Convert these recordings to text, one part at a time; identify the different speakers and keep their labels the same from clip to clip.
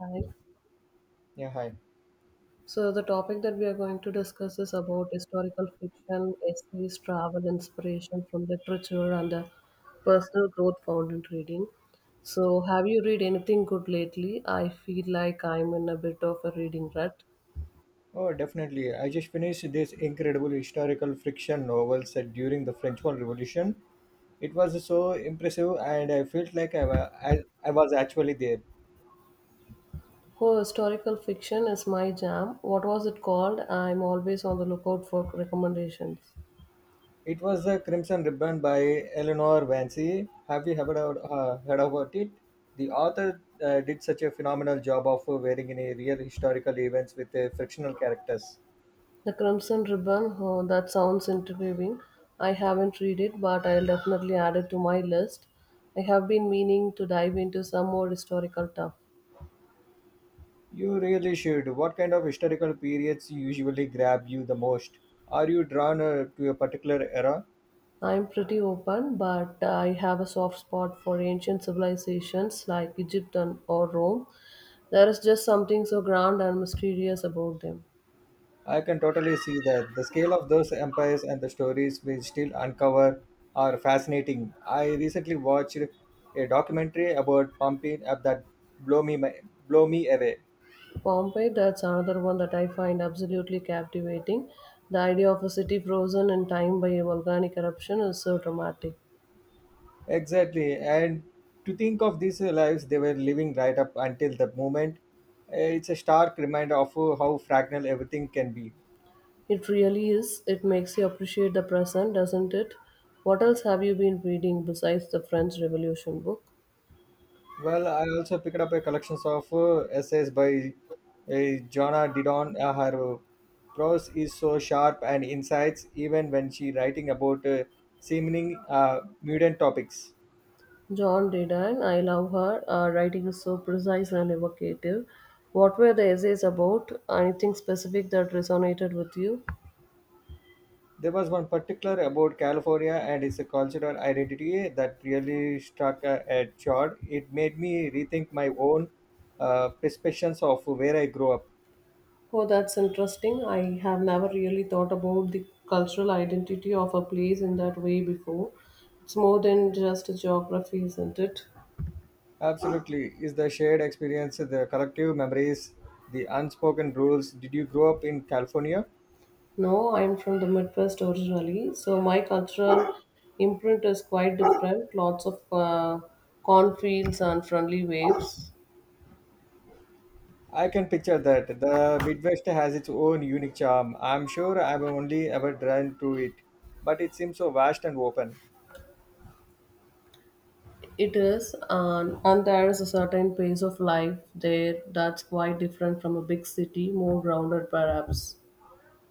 Speaker 1: Hi.
Speaker 2: Yeah, hi.
Speaker 1: So the topic that we are going to discuss is about historical fiction, essays, travel, inspiration from literature, and the personal growth found in reading. So have you read anything good lately? I feel like I'm in a bit of a reading rut.
Speaker 2: Oh, definitely. I just finished this incredible historical fiction novel set during the French Revolution. It was so impressive, and I felt like I was actually there.
Speaker 1: Oh, historical fiction is my jam. What was it called? I'm always on the lookout for recommendations.
Speaker 2: It was The Crimson Ribbon by Eleanor Vance. Have you ever heard about it? The author did such a phenomenal job of wearing in a real historical events with fictional characters.
Speaker 1: The Crimson Ribbon, oh, that sounds intriguing. I haven't read it, but I'll definitely add it to my list. I have been meaning to dive into some more historical stuff.
Speaker 2: You really should. What kind of historical periods usually grab you the most? Are you drawn to a particular era?
Speaker 1: I'm pretty open, but I have a soft spot for ancient civilizations like Egypt and, or Rome. There is just something so grand and mysterious about them.
Speaker 2: I can totally see that. The scale of those empires and the stories we still uncover are fascinating. I recently watched a documentary about pumping up that blow me my, blow me away.
Speaker 1: Pompeii, that's another one that I find absolutely captivating. The idea of a city frozen in time by a volcanic eruption is so dramatic.
Speaker 2: Exactly, and to think of these lives they were living right up until that moment, it's a stark reminder of how fragile everything can be.
Speaker 1: It really is. It makes you appreciate the present, doesn't it? What else have you been reading besides the French Revolution book?
Speaker 2: Well, I also picked up a collection of essays by uh, Jonna Didon. Her prose is so sharp and insights, even when she writing about seeming mundane topics.
Speaker 1: John Didan, I love her. Her writing is so precise and evocative. What were the essays about? Anything specific that resonated with you?
Speaker 2: There was one particular about California and its cultural identity that really struck a chord. It made me rethink my own perceptions of where I grew up.
Speaker 1: Oh, that's interesting. I have never really thought about the cultural identity of a place in that way before. It's more than just geography, isn't it?
Speaker 2: Absolutely. Is the shared experience, the collective memories, the unspoken rules? Did you grow up in California?
Speaker 1: No, I'm from the Midwest originally, so my cultural imprint is quite different. Lots of cornfields and friendly waves.
Speaker 2: I can picture that. The Midwest has its own unique charm. I'm sure I've only ever drawn to it, but it seems so vast and open.
Speaker 1: It is, and there is a certain pace of life there that's quite different from a big city, more grounded perhaps.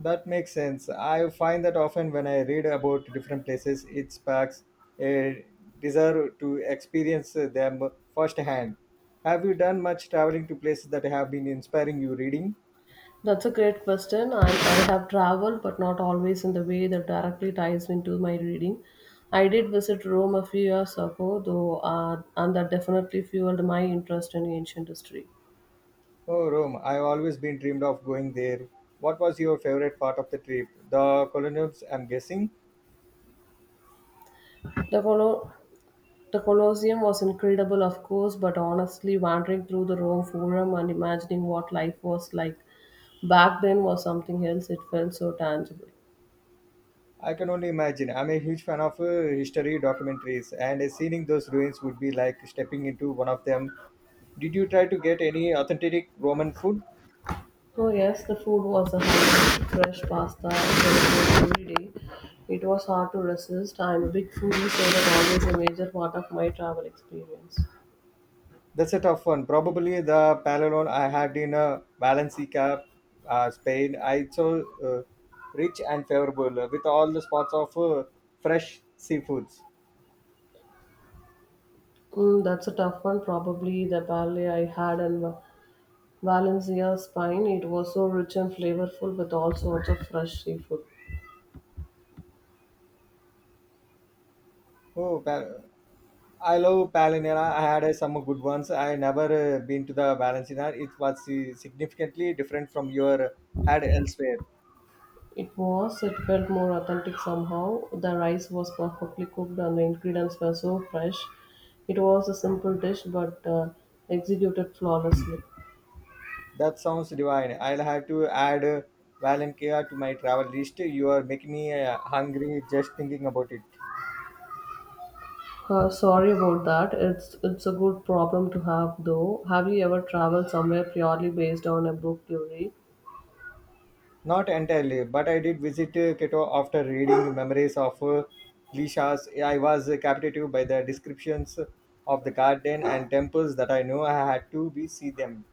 Speaker 2: That makes sense. I find that often when I read about different places, it sparks a desire to experience them firsthand. Have you done much traveling to places that have been inspiring you reading?
Speaker 1: That's a great question. I have traveled, but not always in the way that directly ties into my reading. I did visit Rome a few years ago, though, and that definitely fueled my interest in ancient history.
Speaker 2: Oh, Rome. I've always been dreamed of going there. What was your favorite part of the trip? The colonials, I'm guessing?
Speaker 1: The colo, the Colosseum was incredible, of course, but honestly, wandering through the Rome Forum and imagining what life was like back then was something else. It felt so tangible.
Speaker 2: I can only imagine. I'm a huge fan of history documentaries, and seeing those ruins would be like stepping into one of them. Did you try to get any authentic Roman food?
Speaker 1: Oh, yes, the food was a highlight. Fresh pasta and every day. It was hard to resist. I'm a big foodie, so that's always a major part of my travel experience.
Speaker 2: That's a tough one. Probably the palalone I had in Valencia, Spain. I saw rich and favorable with all the spots of fresh seafoods.
Speaker 1: Mm, that's a tough one. Probably the ballet I had in Valencia, Spain. It was so rich and flavorful with all sorts of fresh seafood.
Speaker 2: Oh, pa- I love Palinera. I had some good ones. I never been to the Valenciana. It was significantly different from your had elsewhere.
Speaker 1: It was. It felt more authentic somehow. The rice was perfectly cooked and the ingredients were so fresh. It was a simple dish but executed flawlessly.
Speaker 2: That sounds divine. I'll have to add Valencia to my travel list. You are making me hungry just thinking about it.
Speaker 1: Sorry about that. It's a good problem to have though. Have you ever traveled somewhere purely based on a book you read?
Speaker 2: Not entirely, but I did visit Quito after reading Memories of Lishas. I was captivated by the descriptions of the garden and temples that I know I had to be see them.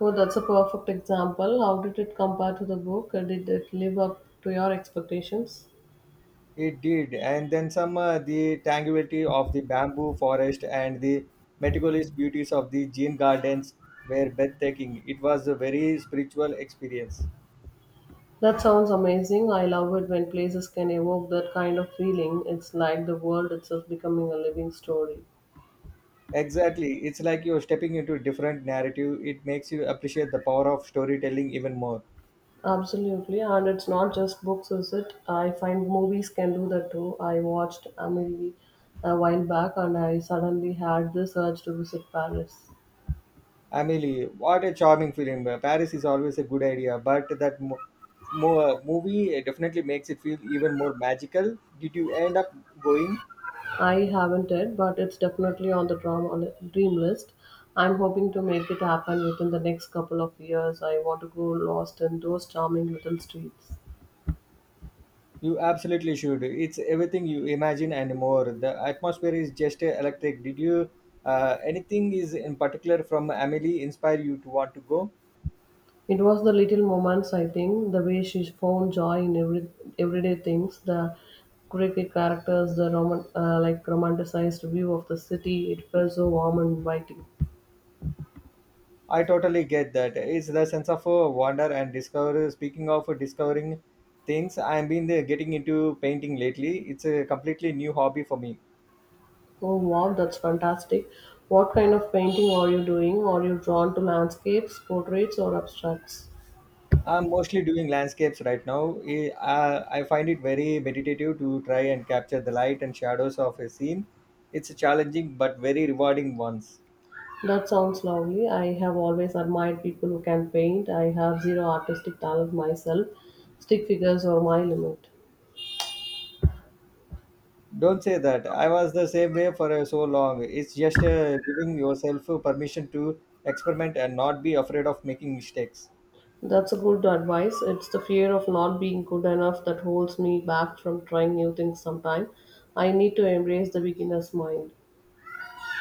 Speaker 1: Oh, that's a perfect example. How did it compare to the book? Did it live up to your expectations?
Speaker 2: It did, and then some the tranquility of the bamboo forest and the meticulous beauties of the Jin gardens were breathtaking. It was a very spiritual experience.
Speaker 1: That sounds amazing. I love it when places can evoke that kind of feeling. It's like the world itself becoming a living story.
Speaker 2: Exactly, it's like you're stepping into a different narrative. It makes you appreciate the power of storytelling even more.
Speaker 1: Absolutely, and it's not just books, is it? I find movies can do that too. I watched Amelie a while back and I suddenly had this urge to visit Paris.
Speaker 2: Amelie, what a charming film! Paris is always a good idea, but that movie definitely makes it feel even more magical. Did you end up going?
Speaker 1: I haven't yet, but it's definitely on the dream list. I'm hoping to make it happen within the next couple of years. I want to go lost in those charming little streets.
Speaker 2: You absolutely should. It's everything you imagine and more. The atmosphere is just electric. Did you anything is in particular from Amelie inspire you to want to go?
Speaker 1: It was the little moments, I think, the way she found joy in everyday things, the quirky characters, the like romanticized view of the city. It felt so warm and inviting.
Speaker 2: I totally get that. It's the sense of wonder and discover. Speaking of discovering things, I've been getting into painting lately. It's a completely new hobby for me.
Speaker 1: Oh wow, that's fantastic! What kind of painting are you doing? Are you drawn to landscapes, portraits, or abstracts?
Speaker 2: I'm mostly doing landscapes right now. I find it very meditative to try and capture the light and shadows of a scene. It's a challenging but very rewarding ones.
Speaker 1: That sounds lovely. I have always admired people who can paint. I have zero artistic talent myself. Stick figures are my limit.
Speaker 2: Don't say that. I was the same way for so long. It's just giving yourself permission to experiment and not be afraid of making mistakes.
Speaker 1: That's a good advice. It's the fear of not being good enough that holds me back from trying new things sometime. I need to embrace the beginner's mind.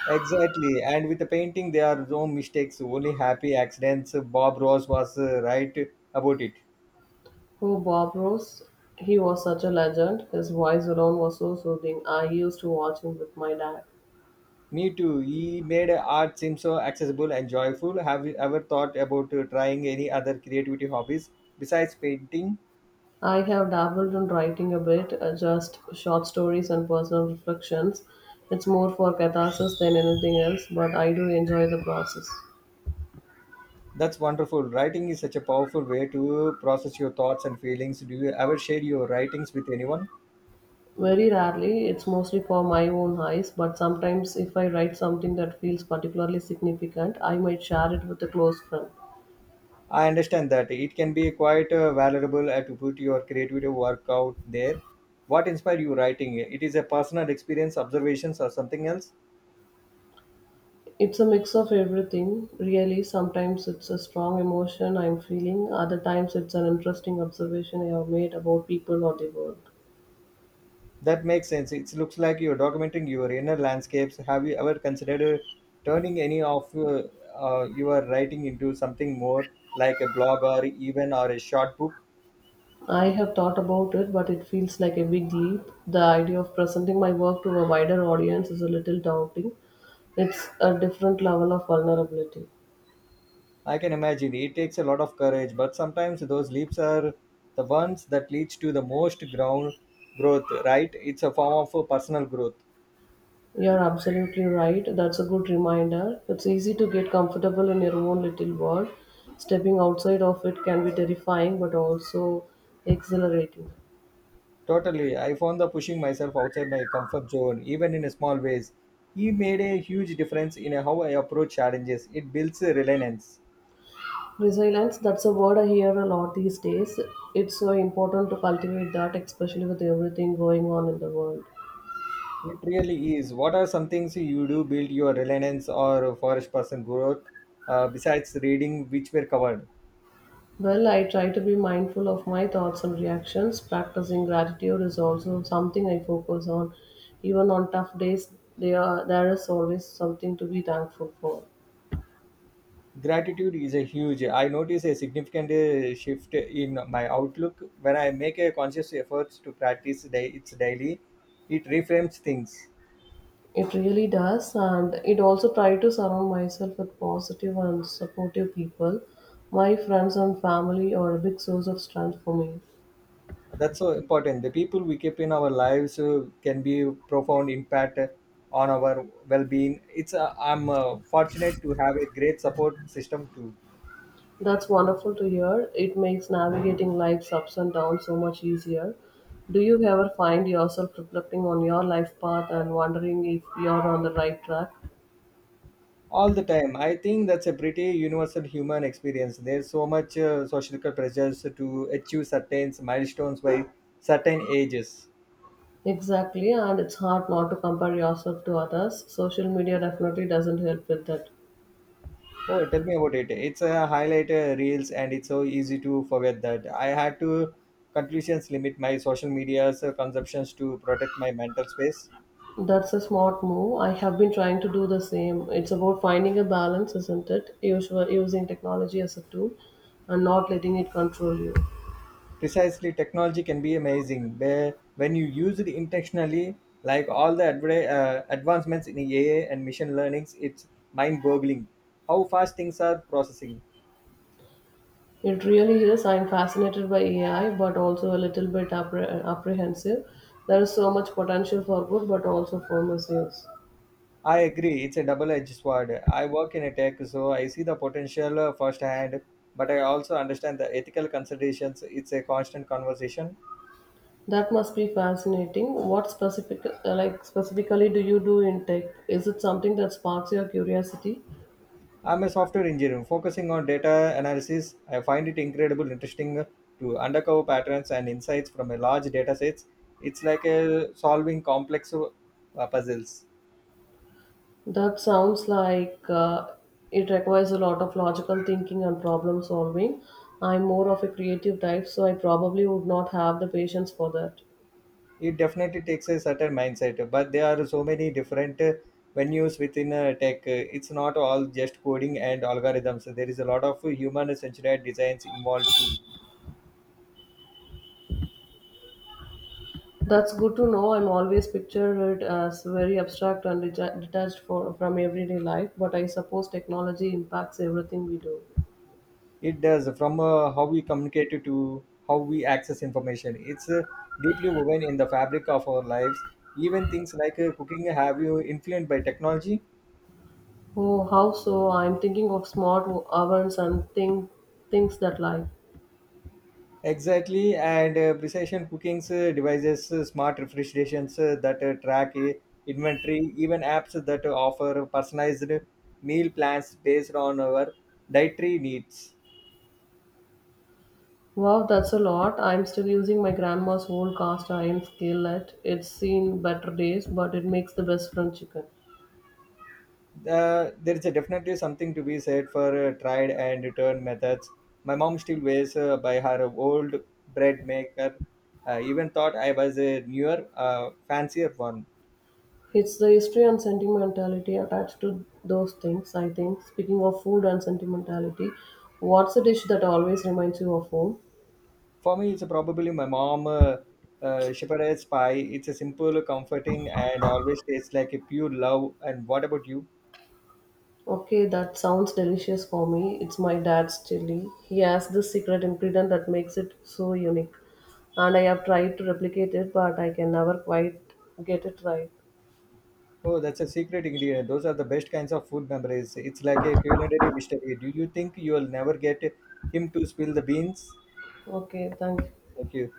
Speaker 2: Exactly. And with the painting, there are no mistakes, only happy accidents. Bob Ross was right about it.
Speaker 1: Oh, Bob Ross, he was such a legend. His voice alone was so soothing. I used to watch him with my dad.
Speaker 2: Me too. He made art seem so accessible and joyful. Have you ever thought about trying any other creativity hobbies besides painting?
Speaker 1: I have dabbled in writing a bit, just short stories and personal reflections. It's more for catharsis than anything else, but I do enjoy the process.
Speaker 2: That's wonderful. Writing is such a powerful way to process your thoughts and feelings. Do you ever share your writings with anyone?
Speaker 1: Very rarely, it's mostly for my own eyes, but sometimes if I write something that feels particularly significant, I might share it with a close friend.
Speaker 2: I understand that it can be quite valuable to put your creative work out there. What inspired you writing? It is a personal experience, observations, or something else?
Speaker 1: It's a mix of everything, really. Sometimes it's a strong emotion I'm feeling, other times it's an interesting observation I have made about people or the world.
Speaker 2: That makes sense. It looks like you're documenting your inner landscapes. Have you ever considered turning any of your writing into something more like a blog or even or a short book?
Speaker 1: I have thought about it, but it feels like a big leap. The idea of presenting my work to a wider audience is a little daunting. It's a different level of vulnerability.
Speaker 2: I can imagine it takes a lot of courage, but sometimes those leaps are the ones that leads to the most ground growth. Right? It's a form of personal growth.
Speaker 1: You're absolutely right. That's a good reminder. It's easy to get comfortable in your own little world. Stepping outside of it can be terrifying but also exhilarating.
Speaker 2: Totally. I found the pushing myself outside my comfort zone, even in small ways, he made a huge difference in how I approach challenges. It builds resilience.
Speaker 1: Resilience, that's a word I hear a lot these days. It's so important to cultivate that, especially with everything going on in the world.
Speaker 2: It really is. What are some things you do build your resilience or forest person growth besides reading, which were covered?
Speaker 1: Well, I try to be mindful of my thoughts and reactions. Practicing gratitude is also something I focus on. Even on tough days, there is always something to be thankful for.
Speaker 2: Gratitude is a huge. I notice a significant shift in my outlook when I make a conscious efforts to practice day, it's daily. It reframes things.
Speaker 1: It really does, and it also try to surround myself with positive and supportive people. My friends and family are a big source of strength for me.
Speaker 2: That's so important, the people we keep in our lives can be profound impact on our well-being. It's uh, i'm uh, fortunate to have a great support system too.
Speaker 1: That's wonderful to hear. It makes navigating life's ups and downs so much easier. Do you ever find yourself reflecting on your life path and wondering if you're on the right track?
Speaker 2: All the time. I think that's a pretty universal human experience. There's so much social pressures to achieve certain milestones by certain ages.
Speaker 1: Exactly, and it's hard not to compare yourself to others. Social media definitely doesn't help with that.
Speaker 2: Oh, tell me about it. It's a highlight reels, and it's so easy to forget that I had to conclusions limit my social media's consumptions to protect my mental space.
Speaker 1: That's a smart move. I have been trying to do the same. It's about finding a balance, isn't it? Using technology as a tool and not letting it control you.
Speaker 2: Precisely, technology can be amazing where when you use it intentionally, like all the advancements in AI and machine learning, it's mind-boggling how fast things are processing.
Speaker 1: It really is. I'm fascinated by AI, but also a little bit apprehensive. There is so much potential for good, but also for misuse.
Speaker 2: I agree, it's a double-edged sword. I work in a tech, so I see the potential firsthand, but I also understand the ethical considerations. It's a constant conversation.
Speaker 1: That must be fascinating. Like specifically, do you do in tech? Is it something that sparks your curiosity,
Speaker 2: I'm a software engineer focusing on data analysis. I find it incredible interesting to uncover patterns and insights from a large data sets. It's like a solving complex puzzles.
Speaker 1: that sounds like it requires a lot of logical thinking and problem solving. I'm more of a creative type, so I probably would not have the patience for that.
Speaker 2: It definitely takes a certain mindset, but there are so many different venues within tech. It's not all just coding and algorithms. There is a lot of human centered designs involved too.
Speaker 1: That's good to know. I'm always pictured it as very abstract and detached from everyday life, but I suppose technology impacts everything we do.
Speaker 2: It does from how we communicate to how we access information. It's deeply woven in the fabric of our lives. Even things like cooking have you influenced by technology.
Speaker 1: Oh, how so? I'm thinking of smart ovens and things that like.
Speaker 2: Exactly, and precision cooking devices, smart refrigerations that track inventory, even apps that offer personalized meal plans based on our dietary needs.
Speaker 1: Wow, that's a lot. I'm still using my grandma's old cast iron skillet. It's seen better days, but it makes the best French chicken.
Speaker 2: There is a definitely something to be said for tried and return methods. My mom still wears by her old bread maker. Even thought I was a newer, fancier one.
Speaker 1: It's the history and sentimentality attached to those things, I think. Speaking of food and sentimentality, what's a dish that always reminds you of home?
Speaker 2: For me, it's probably my mom shepherdess pie. It's a simple, comforting, and always tastes like a pure love. And what about you?
Speaker 1: Okay, that sounds delicious for me. It's my dad's chili. He has this secret ingredient that makes it so unique. And I have tried to replicate it, but I can never quite get it right.
Speaker 2: Oh, that's a secret ingredient. Those are the best kinds of food memories. It's like a culinary mystery. Do you think you will never get him to spill the beans?
Speaker 1: Okay, thank you.
Speaker 2: Thank you.